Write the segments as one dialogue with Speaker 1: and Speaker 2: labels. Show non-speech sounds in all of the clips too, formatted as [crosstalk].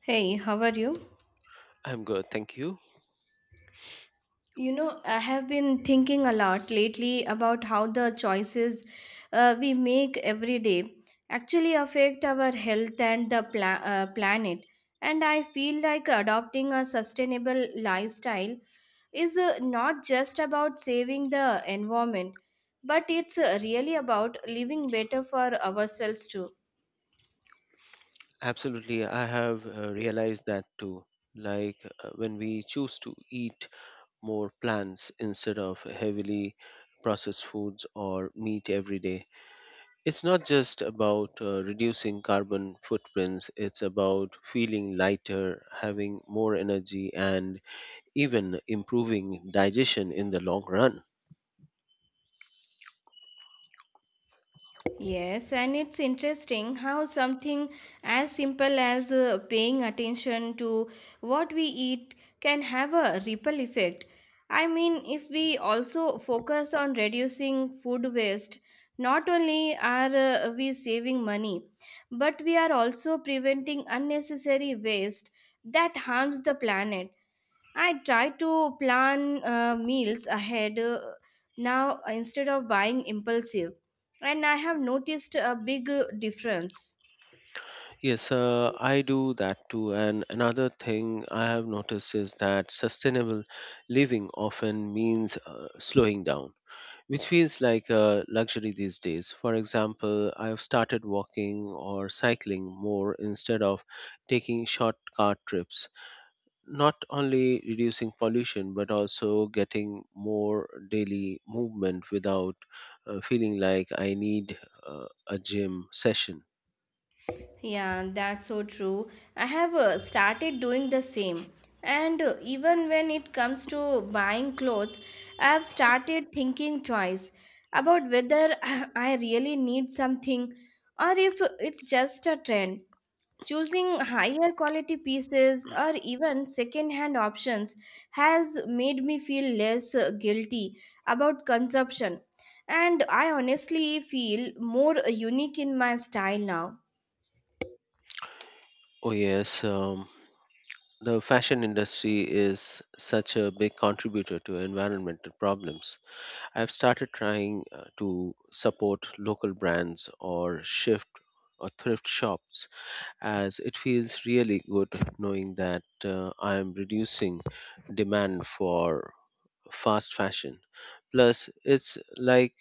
Speaker 1: Hey, how are you?
Speaker 2: I'm good, thank you.
Speaker 1: You know, I have been thinking a lot lately about how the choices we make every day actually affect our health and the planet. And I feel like adopting a sustainable lifestyle is not just about saving the environment, but it's really about living better for ourselves too.
Speaker 2: Absolutely, I have realized that too. Like when we choose to eat more plants instead of heavily processed foods or meat every day, it's not just about reducing carbon footprints, it's about feeling lighter, having more energy, and even improving digestion in the long run.
Speaker 1: Yes, and it's interesting how something as simple as paying attention to what we eat can have a ripple effect. I mean, if we also focus on reducing food waste, not only are we saving money, but we are also preventing unnecessary waste that harms the planet. I try to plan meals ahead now instead of buying impulsive, and I have noticed a big difference.
Speaker 2: Yes, I do that too. And another thing I have noticed is that sustainable living often means slowing down, which feels like a luxury these days. For example, I've started walking or cycling more instead of taking short car trips, not only reducing pollution, but also getting more daily movement without feeling like I need a gym session.
Speaker 1: Yeah, that's so true. I have started doing the same. And even when it comes to buying clothes, I have started thinking twice about whether [laughs] I really need something or if it's just a trend. Choosing higher quality pieces or even second hand options has made me feel less guilty about consumption. And I honestly feel more unique in my style now.
Speaker 2: Oh, yes. The fashion industry is such a big contributor to environmental problems. I've started trying to support local brands or shift or thrift shops, as it feels really good knowing that I am reducing demand for fast fashion. Plus, it's like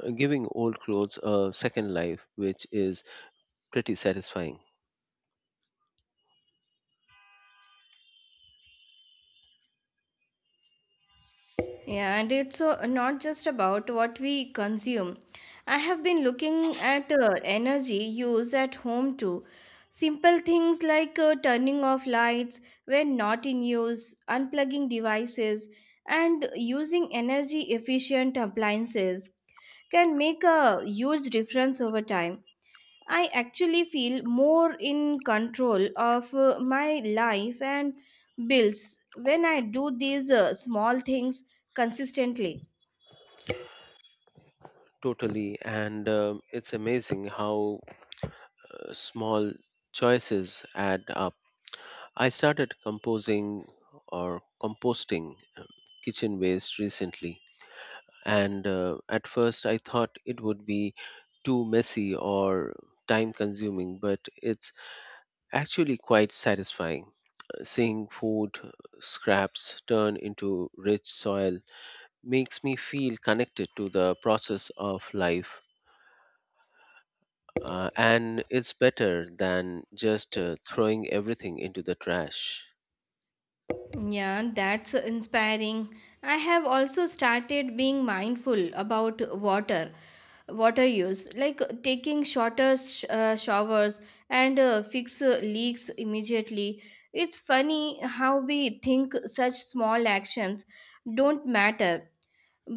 Speaker 2: uh, giving old clothes a second life, which is pretty satisfying.
Speaker 1: Yeah, and it's not just about what we consume. I have been looking at energy use at home too. Simple things like turning off lights when not in use, unplugging devices, and using energy efficient appliances can make a huge difference over time. I actually feel more in control of my life and bills when I do these small things consistently.
Speaker 2: Totally, and it's amazing how small choices add up. I started composing or composting kitchen waste recently, and at first I thought it would be too messy or time consuming, but it's actually quite satisfying. Seeing food scraps turn into rich soil makes me feel connected to the process of life. And it's better than just throwing everything into the trash.
Speaker 1: Yeah, that's inspiring. I have also started being mindful about water, water use, like taking shorter showers and fix leaks immediately. It's funny how we think such small actions don't matter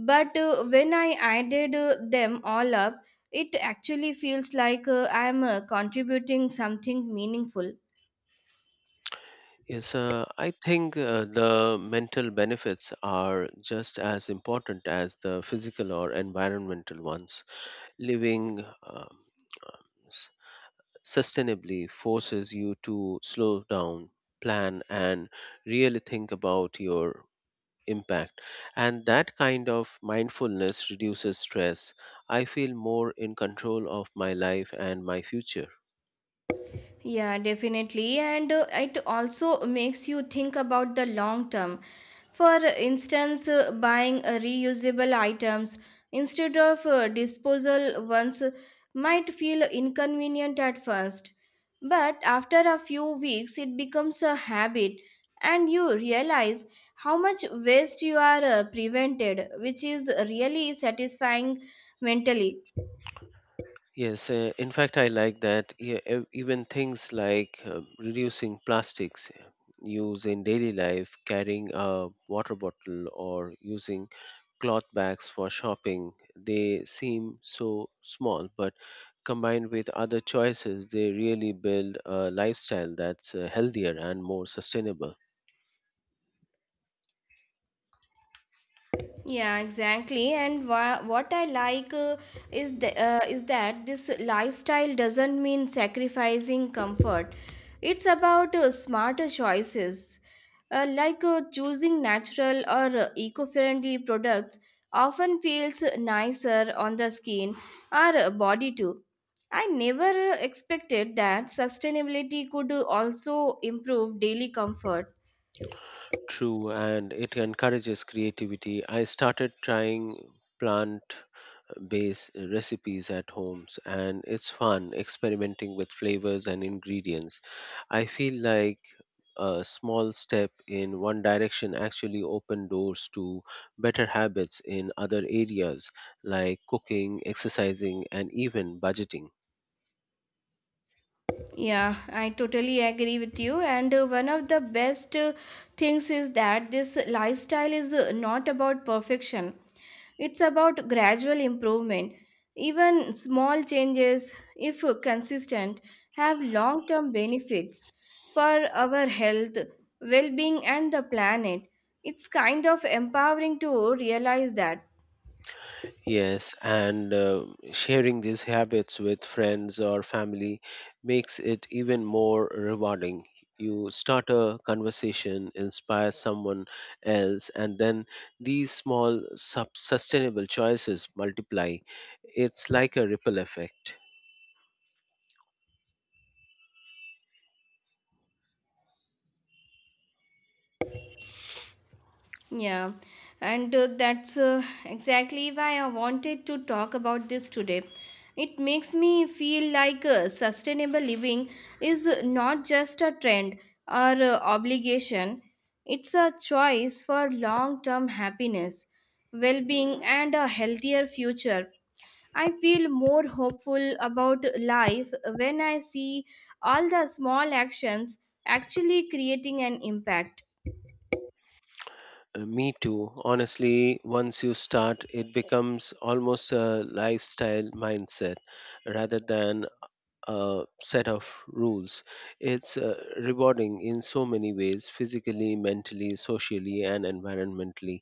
Speaker 1: but when I added them all up it actually feels like I am contributing something meaningful.
Speaker 2: Yes, I think the mental benefits are just as important as the physical or environmental ones. Living s- sustainably forces you to slow down, plan, and really think about your impact. And that kind of mindfulness reduces stress. I feel more in control of my life and my future.
Speaker 1: Yeah, definitely. And it also makes you think about the long term. For instance, buying reusable items instead of disposal ones might feel inconvenient at first. But after a few weeks, it becomes a habit, and you realize how much waste you are prevented, which is really satisfying mentally.
Speaker 2: Yes, in fact, I like that. Yeah, even things like reducing plastics use in daily life, carrying a water bottle, or using cloth bags for shopping, they seem so small, but combined with other choices, they really build a lifestyle that's healthier and more sustainable.
Speaker 1: Yeah, exactly. And what I like is is that this lifestyle doesn't mean sacrificing comfort. It's about smarter choices, like choosing natural or eco-friendly products. Often feels nicer on the skin or body too. I never expected that sustainability could also improve daily comfort.
Speaker 2: True, and it encourages creativity. I started trying plant base recipes at homes, and it's fun experimenting with flavors and ingredients. I feel like a small step in one direction actually open doors to better habits in other areas like cooking, exercising and even budgeting.
Speaker 1: Yeah, I totally agree with you. And one of the best things is that this lifestyle is not about perfection, it's about gradual improvement. Even small changes, if consistent, have long term benefits for our health, well being, and the planet. It's kind of empowering to realize that.
Speaker 2: Yes, and sharing these habits with friends or family makes it even more rewarding. You start a conversation, inspire someone else, and then these small sustainable choices multiply. It's like a ripple effect.
Speaker 1: Yeah, and that's exactly why I wanted to talk about this today. It makes me feel like sustainable living is not just a trend or obligation, it's a choice for long term happiness, well being, and a healthier future. I feel more hopeful about life when I see all the small actions actually creating an impact.
Speaker 2: Me too. Honestly, once you start, it becomes almost a lifestyle mindset rather than set of rules. It's rewarding in so many ways, physically, mentally, socially, and environmentally.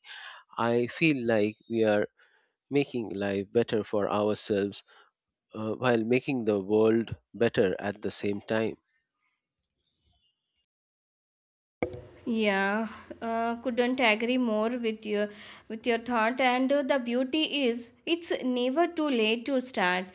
Speaker 2: I feel like we are making life better for ourselves while making the world better at the same time.
Speaker 1: Yeah, couldn't agree more with your thought. And the beauty is, it's never too late to start,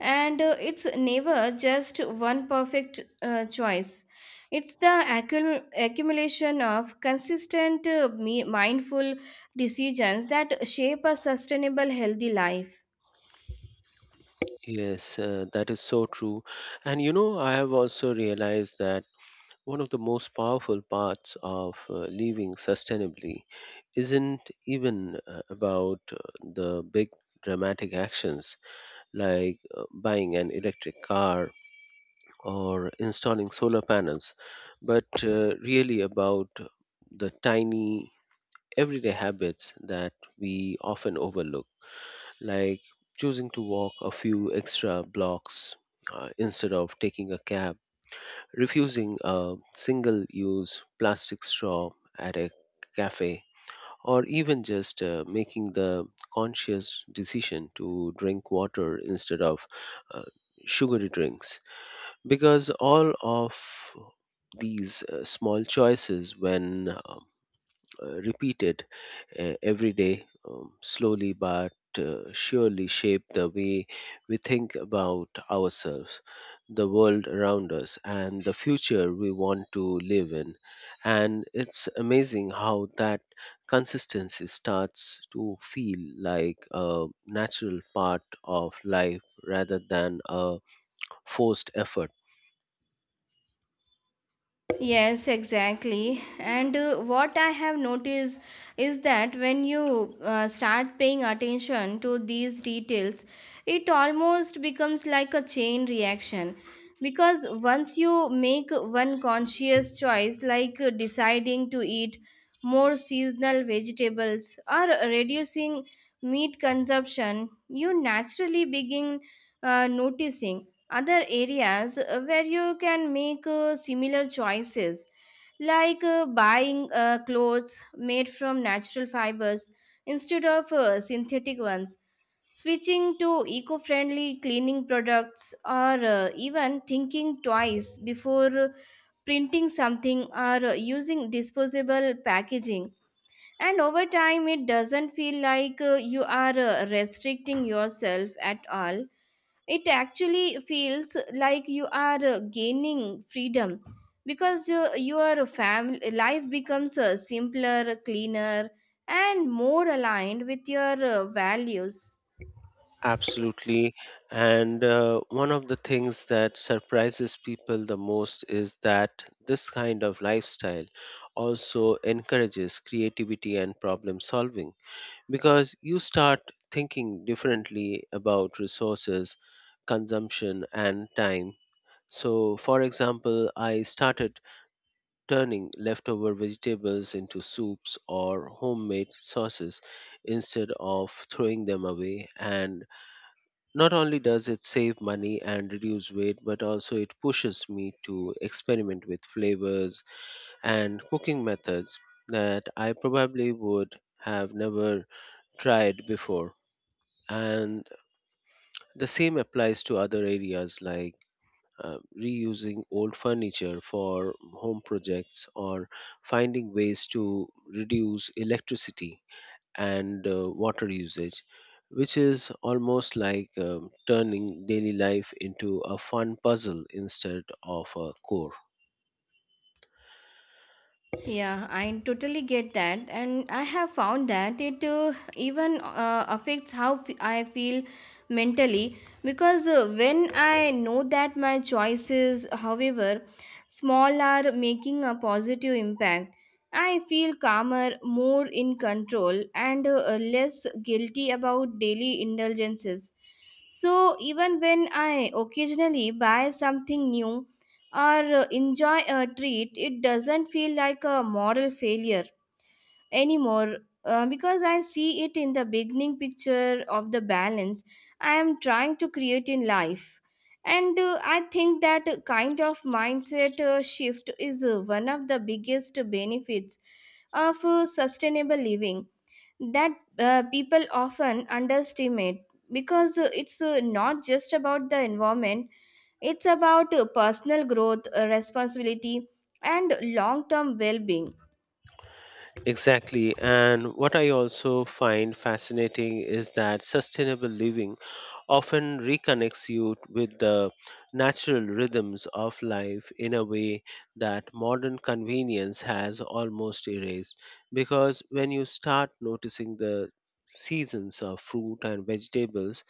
Speaker 1: and it's never just one perfect choice. It's the accumulation of consistent, mindful decisions that shape a sustainable, healthy life.
Speaker 2: Yes, that is so true. And you know, I have also realized that one of the most powerful parts of living sustainably isn't even about the big dramatic actions, like buying an electric car or installing solar panels, but really about the tiny everyday habits that we often overlook, like choosing to walk a few extra blocks instead of taking a cab, refusing a single use plastic straw at a cafe, or even just making the conscious decision to drink water instead of uh, sugary drinks, because all of these small choices, when repeated every day, slowly but surely shape the way we think about ourselves, the world around us, and the future we want to live in. And it's amazing how that consistency starts to feel like a natural part of life rather than a forced effort.
Speaker 1: Yes, exactly. And what I have noticed is that when you start paying attention to these details, it almost becomes like a chain reaction. Because once you make one conscious choice, like deciding to eat more seasonal vegetables or reducing meat consumption, you naturally begin noticing other areas where you can make similar choices like buying clothes made from natural fibers instead of synthetic ones, switching to eco-friendly cleaning products or even thinking twice before printing something or using disposable packaging. And over time it doesn't feel like you are restricting yourself at all, it actually feels like you are gaining freedom, because your family life becomes simpler, cleaner, and more aligned with your values.
Speaker 2: Absolutely. And one of the things that surprises people the most is that this kind of lifestyle also encourages creativity and problem solving, because you start thinking differently about resources, consumption, and time. So, for example, I started turning leftover vegetables into soups or homemade sauces instead of throwing them away, and not only does it save money and reduce weight, but also it pushes me to experiment with flavors and cooking methods that I probably would have never tried before. And the same applies to other areas, like reusing old furniture for home projects, or finding ways to reduce electricity and water usage, which is almost like turning daily life into a fun puzzle instead of a core.
Speaker 1: Yeah, I totally get that, and I have found that it even affects how I feel mentally, because when I know that my choices, however small, are making a positive impact, I feel calmer, more in control, and less guilty about daily indulgences. So even when I occasionally buy something new or enjoy a treat, it doesn't feel like a moral failure anymore, because I see it in the beginning picture of the balance I am trying to create in life. And I think that kind of mindset shift is one of the biggest benefits of sustainable living that people often underestimate, because it's not just about the environment, it's about personal growth, responsibility, and long term well being.
Speaker 2: Exactly. And what I also find fascinating is that sustainable living often reconnects you with the natural rhythms of life in a way that modern convenience has almost erased. Because when you start noticing the seasons of fruit and vegetables,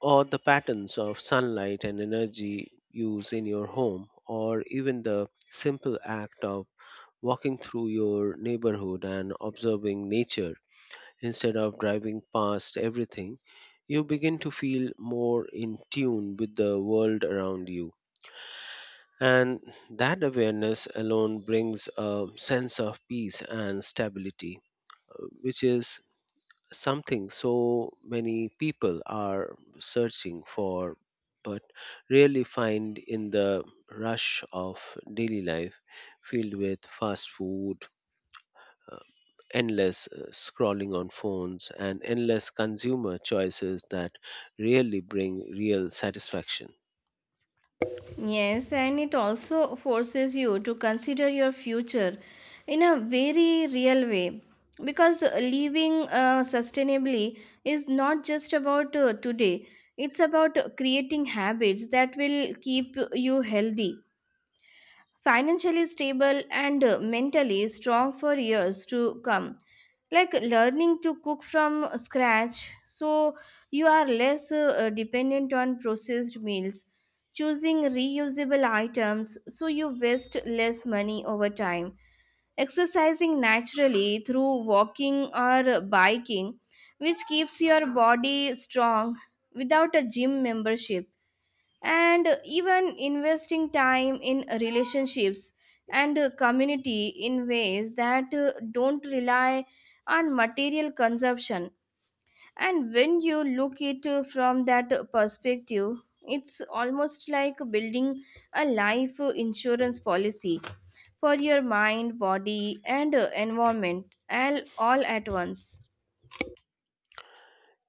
Speaker 2: or the patterns of sunlight and energy use in your home, or even the simple act of walking through your neighborhood and observing nature instead of driving past everything, you begin to feel more in tune with the world around you. And that awareness alone brings a sense of peace and stability, which is something so many people are searching for but rarely find in the rush of daily life, filled with fast food, uh, endless scrolling on phones and endless consumer choices that rarely bring real satisfaction.
Speaker 1: Yes, and it also forces you to consider your future in a very real way, because living sustainably is not just about today, it's about creating habits that will keep you healthy, financially stable and mentally strong for years to come, like learning to cook from scratch so you are less dependent on processed meals, choosing reusable items so you waste less money over time, exercising naturally through walking or biking, which keeps your body strong without a gym membership, and even investing time in relationships and community in ways that don't rely on material consumption. And when you look it from that perspective, it's almost like building a life insurance policy for your mind, body and environment all at once.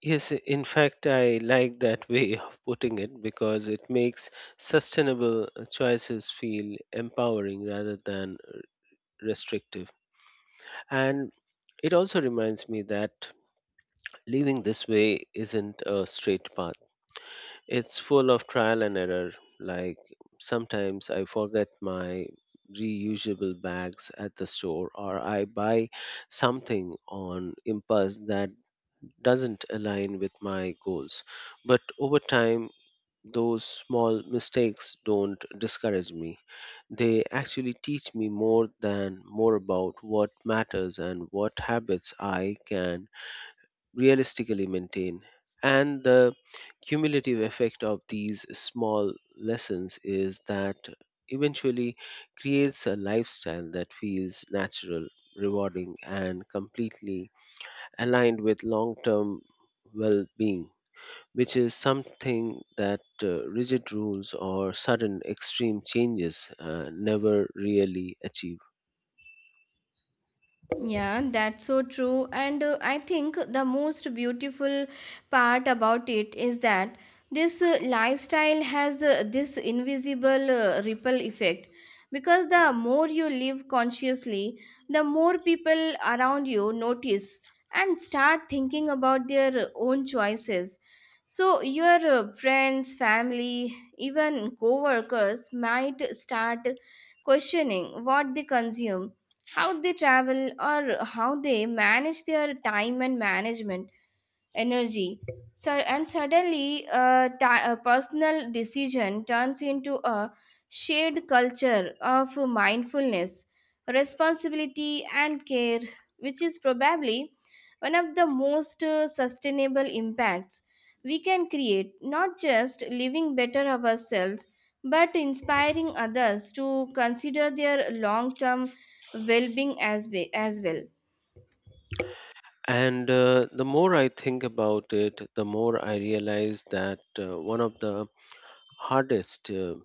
Speaker 2: Yes, in fact, I like that way [laughs] of putting it, because it makes sustainable choices feel empowering rather than restrictive. And it also reminds me that living this way isn't a straight path, it's full of trial and error. Like, sometimes I forget my reusable bags at the store, or I buy something on impulse that doesn't align with my goals. But over time, those small mistakes don't discourage me. They actually teach me more about what matters and what habits I can realistically maintain. And the cumulative effect of these small lessons is that eventually creates a lifestyle that feels natural, rewarding, and completely aligned with long term well being, which is something that rigid rules or sudden extreme changes never really achieve.
Speaker 1: Yeah, that's so true. And I think the most beautiful part about it is that this lifestyle has this invisible ripple effect, because the more you live consciously, the more people around you notice and start thinking about their own choices. So, your friends, family, even co workers might start questioning what they consume, how they travel, or how they manage their time and management energy. So, and suddenly, a personal decision turns into a shared culture of mindfulness, responsibility, and care, which is probably one of the most sustainable impacts we can create, not just living better ourselves, but inspiring others to consider their long term well being as well.
Speaker 2: And the more I think about it, the more I realize that one of the hardest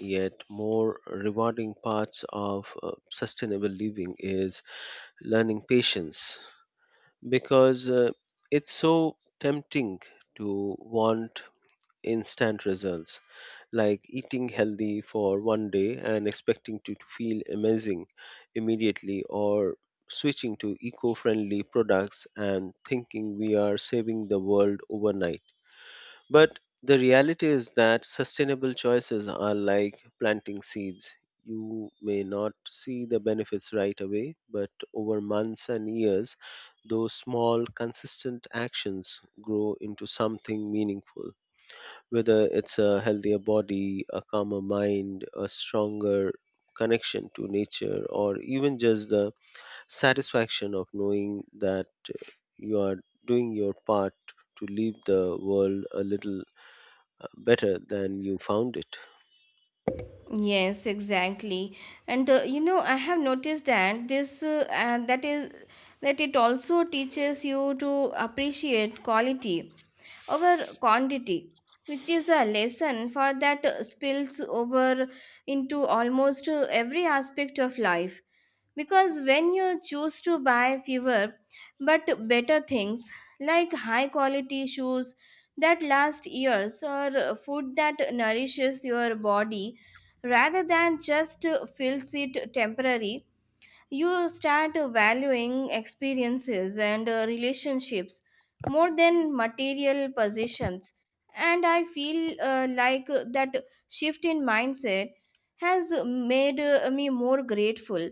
Speaker 2: yet more rewarding parts of sustainable living is learning patience, because it's so tempting to want instant results, like eating healthy for one day and expecting to feel amazing immediately, or switching to eco friendly products and thinking we are saving the world overnight. But the reality is that sustainable choices are like planting seeds. You may not see the benefits right away, but over months and years, those small, consistent actions grow into something meaningful, whether it's a healthier body, a calmer mind, a stronger connection to nature, or even just the satisfaction of knowing that you are doing your part to leave the world a little better than you found it.
Speaker 1: Yes, exactly. And you know, I have noticed that this that is that it also teaches you to appreciate quality over quantity, which is a lesson for that spills over into almost every aspect of life. Because when you choose to buy fewer but better things, like high quality shoes that last years or food that nourishes your body rather than just fills it temporary, you start valuing experiences and relationships more than material possessions. And I feel like that shift in mindset has made me more grateful,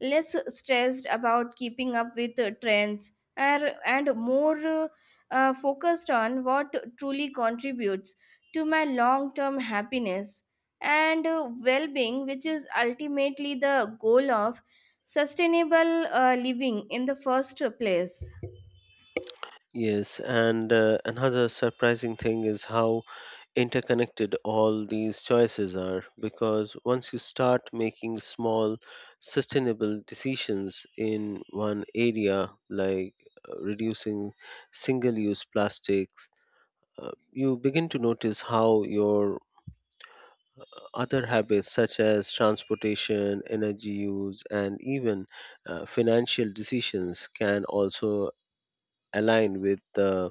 Speaker 1: less stressed about keeping up with trends, and more focused on what truly contributes to my long term happiness and well being, which is ultimately the goal of sustainable living in the first place.
Speaker 2: Yes, and another surprising thing is how interconnected all these choices are, because once you start making small sustainable decisions in one area, like reducing single use plastics, you begin to notice how your other habits, such as transportation, energy use, and even financial decisions can also align with the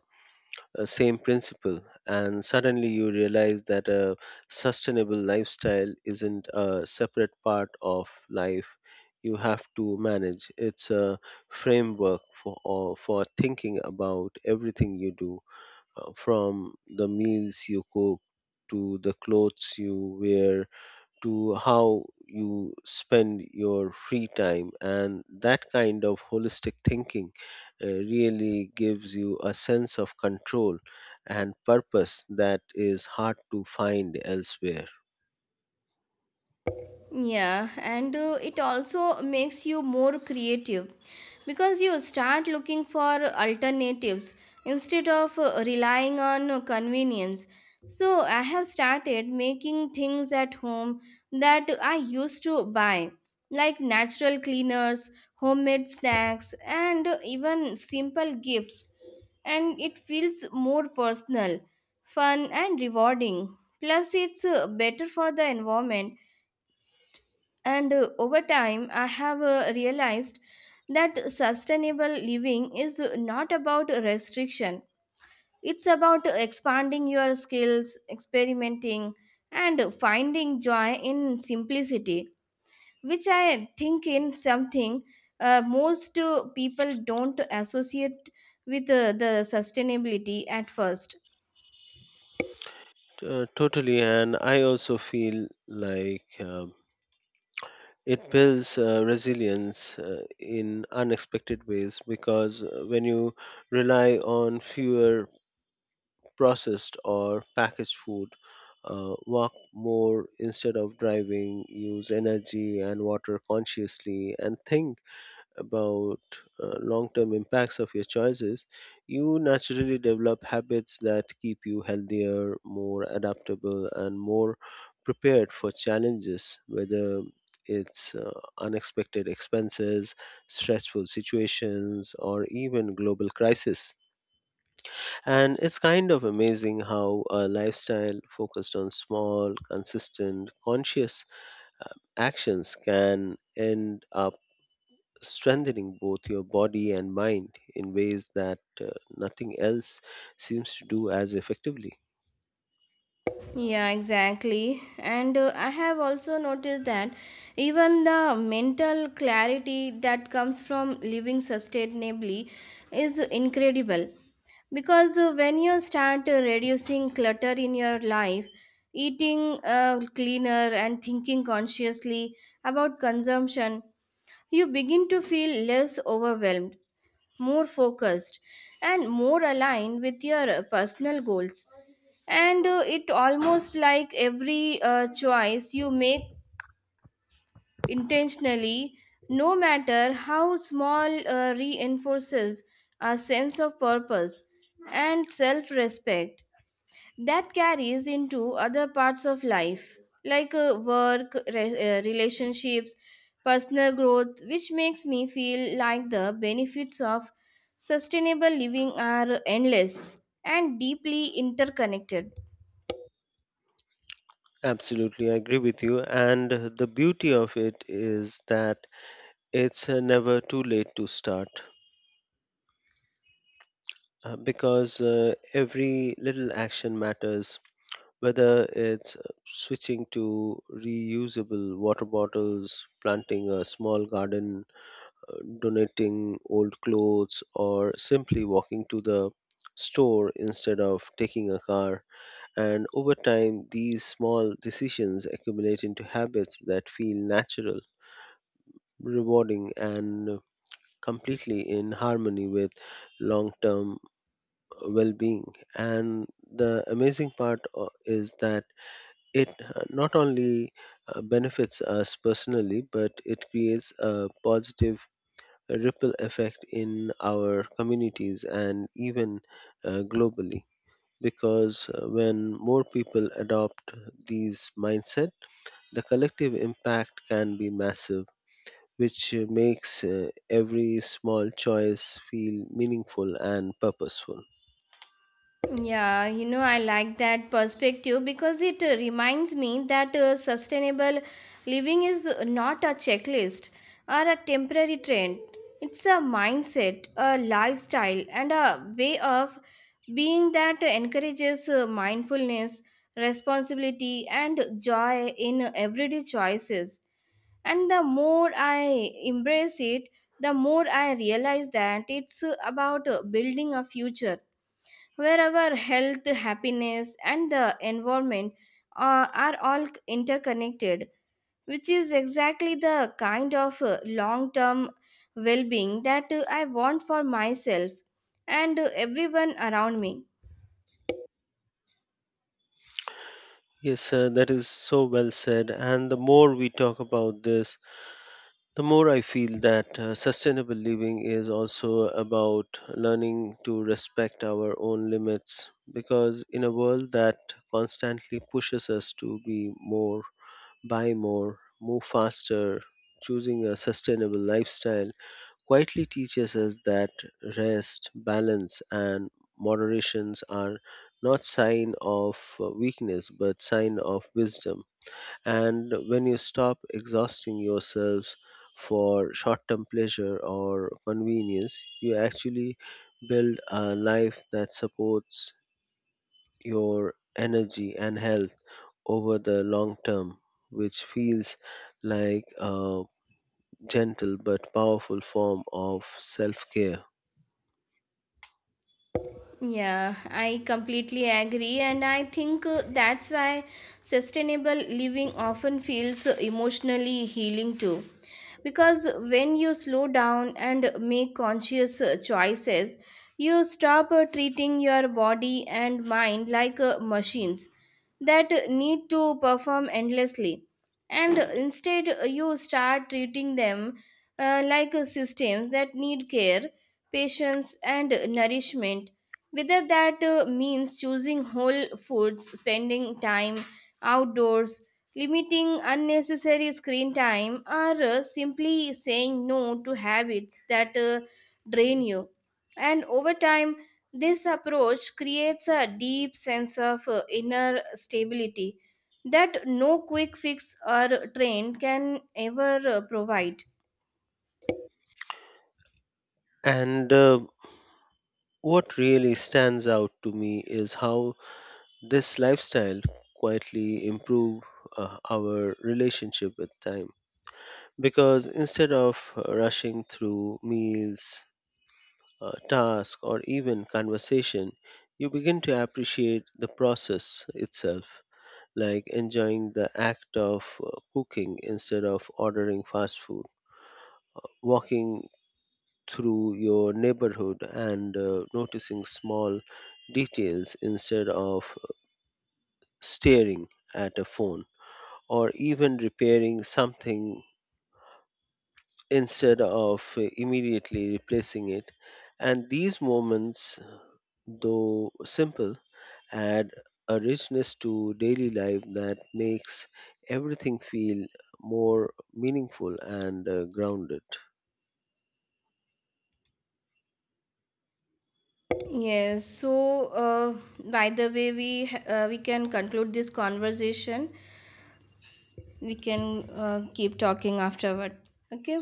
Speaker 2: same principle. And suddenly you realize that a sustainable lifestyle isn't a separate part of life you have to manage, it's a framework for thinking about everything you do, from the meals you cook to the clothes you wear to how you spend your free time. And that kind of holistic thinking really gives you a sense of control and purpose that is hard to find elsewhere.
Speaker 1: Yeah, and it also makes you more creative because you start looking for alternatives instead of relying on convenience. So, I have started making things at home that I used to buy, like natural cleaners, homemade snacks, and even simple gifts. And it feels more personal, fun, and rewarding. Plus, it's better for the environment, and over time, I have realized that sustainable living is not about restriction, it's about expanding your skills, experimenting, and finding joy in simplicity, which I think in something most people don't associate with the sustainability at first.
Speaker 2: Totally, and I also feel like it builds resilience in unexpected ways, because when you rely on fewer processed or packaged food, walk more instead of driving, use energy and water consciously, and think about long term impacts of your choices, you naturally develop habits that keep you healthier, more adaptable, and more prepared for challenges, whether it's unexpected expenses, stressful situations, or even global crisis. And it's kind of amazing how a lifestyle focused on small, consistent, conscious actions can end up strengthening both your body and mind in ways that nothing else seems to do as effectively.
Speaker 1: Yeah, exactly. And I have also noticed that even the mental clarity that comes from living sustainably is incredible. Because when you start reducing clutter in your life, eating cleaner, and thinking consciously about consumption, you begin to feel less overwhelmed, more focused, and more aligned with your personal goals. And it almost like every choice you make intentionally, no matter how small, reinforces a sense of purpose and self-respect that carries into other parts of life, like relationships, personal growth, which makes me feel like the benefits of sustainable living are endless and deeply interconnected.
Speaker 2: Absolutely, I agree with you. And the beauty of it is that it's never too late to start, because every little action matters, whether it's switching to reusable water bottles, planting a small garden, donating old clothes, or simply walking to the store instead of taking a car. And over time, these small decisions accumulate into habits that feel natural, rewarding, and completely in harmony with long term well being. And the amazing part is that it not only benefits us personally, but it creates a positive ripple effect in our communities and even globally. Because when more people adopt these mindset, the collective impact can be massive, which makes every small choice feel meaningful and purposeful.
Speaker 1: Yeah, you know, I like that perspective because it reminds me that sustainable living is not a checklist or a temporary trend. It's a mindset, a lifestyle, and a way of being that encourages mindfulness, responsibility, and joy in everyday choices. And the more I embrace it, the more I realize that it's about building a future where our health, happiness and the environment are all interconnected, which is exactly the kind of long-term well-being that I want for myself and everyone around me.
Speaker 2: Yes, sir, that is so well said. And the more we talk about this, the more I feel that sustainable living is also about learning to respect our own limits, because in a world that constantly pushes us to be more, buy more, move faster, choosing a sustainable lifestyle quietly teaches us that rest, balance and moderations are not sign of weakness but sign of wisdom. And when you stop exhausting yourselves for short term pleasure or convenience, you actually build a life that supports your energy and health over the long term, which feels like a gentle but powerful form of self care.
Speaker 1: Yeah, I completely agree, and I think that's why sustainable living often feels emotionally healing too. Because when you slow down and make conscious choices, you stop treating your body and mind like machines that need to perform endlessly. And instead, you start treating them like systems that need care, patience, and nourishment, whether that means choosing whole foods, spending time outdoors, limiting unnecessary screen time, or simply saying no to habits that drain you. And over time, this approach creates a deep sense of inner stability that no quick fix or trend can ever provide.
Speaker 2: And what really stands out to me is how this lifestyle quietly improve our relationship with time, because instead of rushing through meals, tasks, or even conversation, you begin to appreciate the process itself, like enjoying the act of cooking instead of ordering fast food, walking through your neighborhood and noticing small details instead of staring at a phone, or even repairing something instead of immediately replacing it. And these moments, though simple, add a richness to daily life that makes everything feel more meaningful and grounded.
Speaker 1: Yes, so by the way, we can conclude this conversation. We can keep talking afterward. Okay?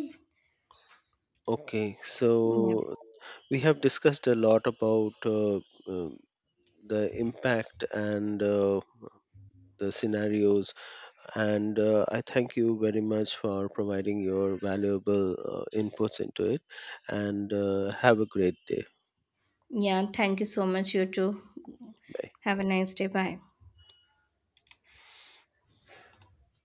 Speaker 2: Okay,
Speaker 1: Yeah.
Speaker 2: so we have discussed a lot about uh, the impact and the scenarios, and I thank you very much for providing your valuable inputs into it. And have a great day.
Speaker 1: Yeah. Thank you so much, you too.
Speaker 2: Bye.
Speaker 1: Have a nice day. Bye.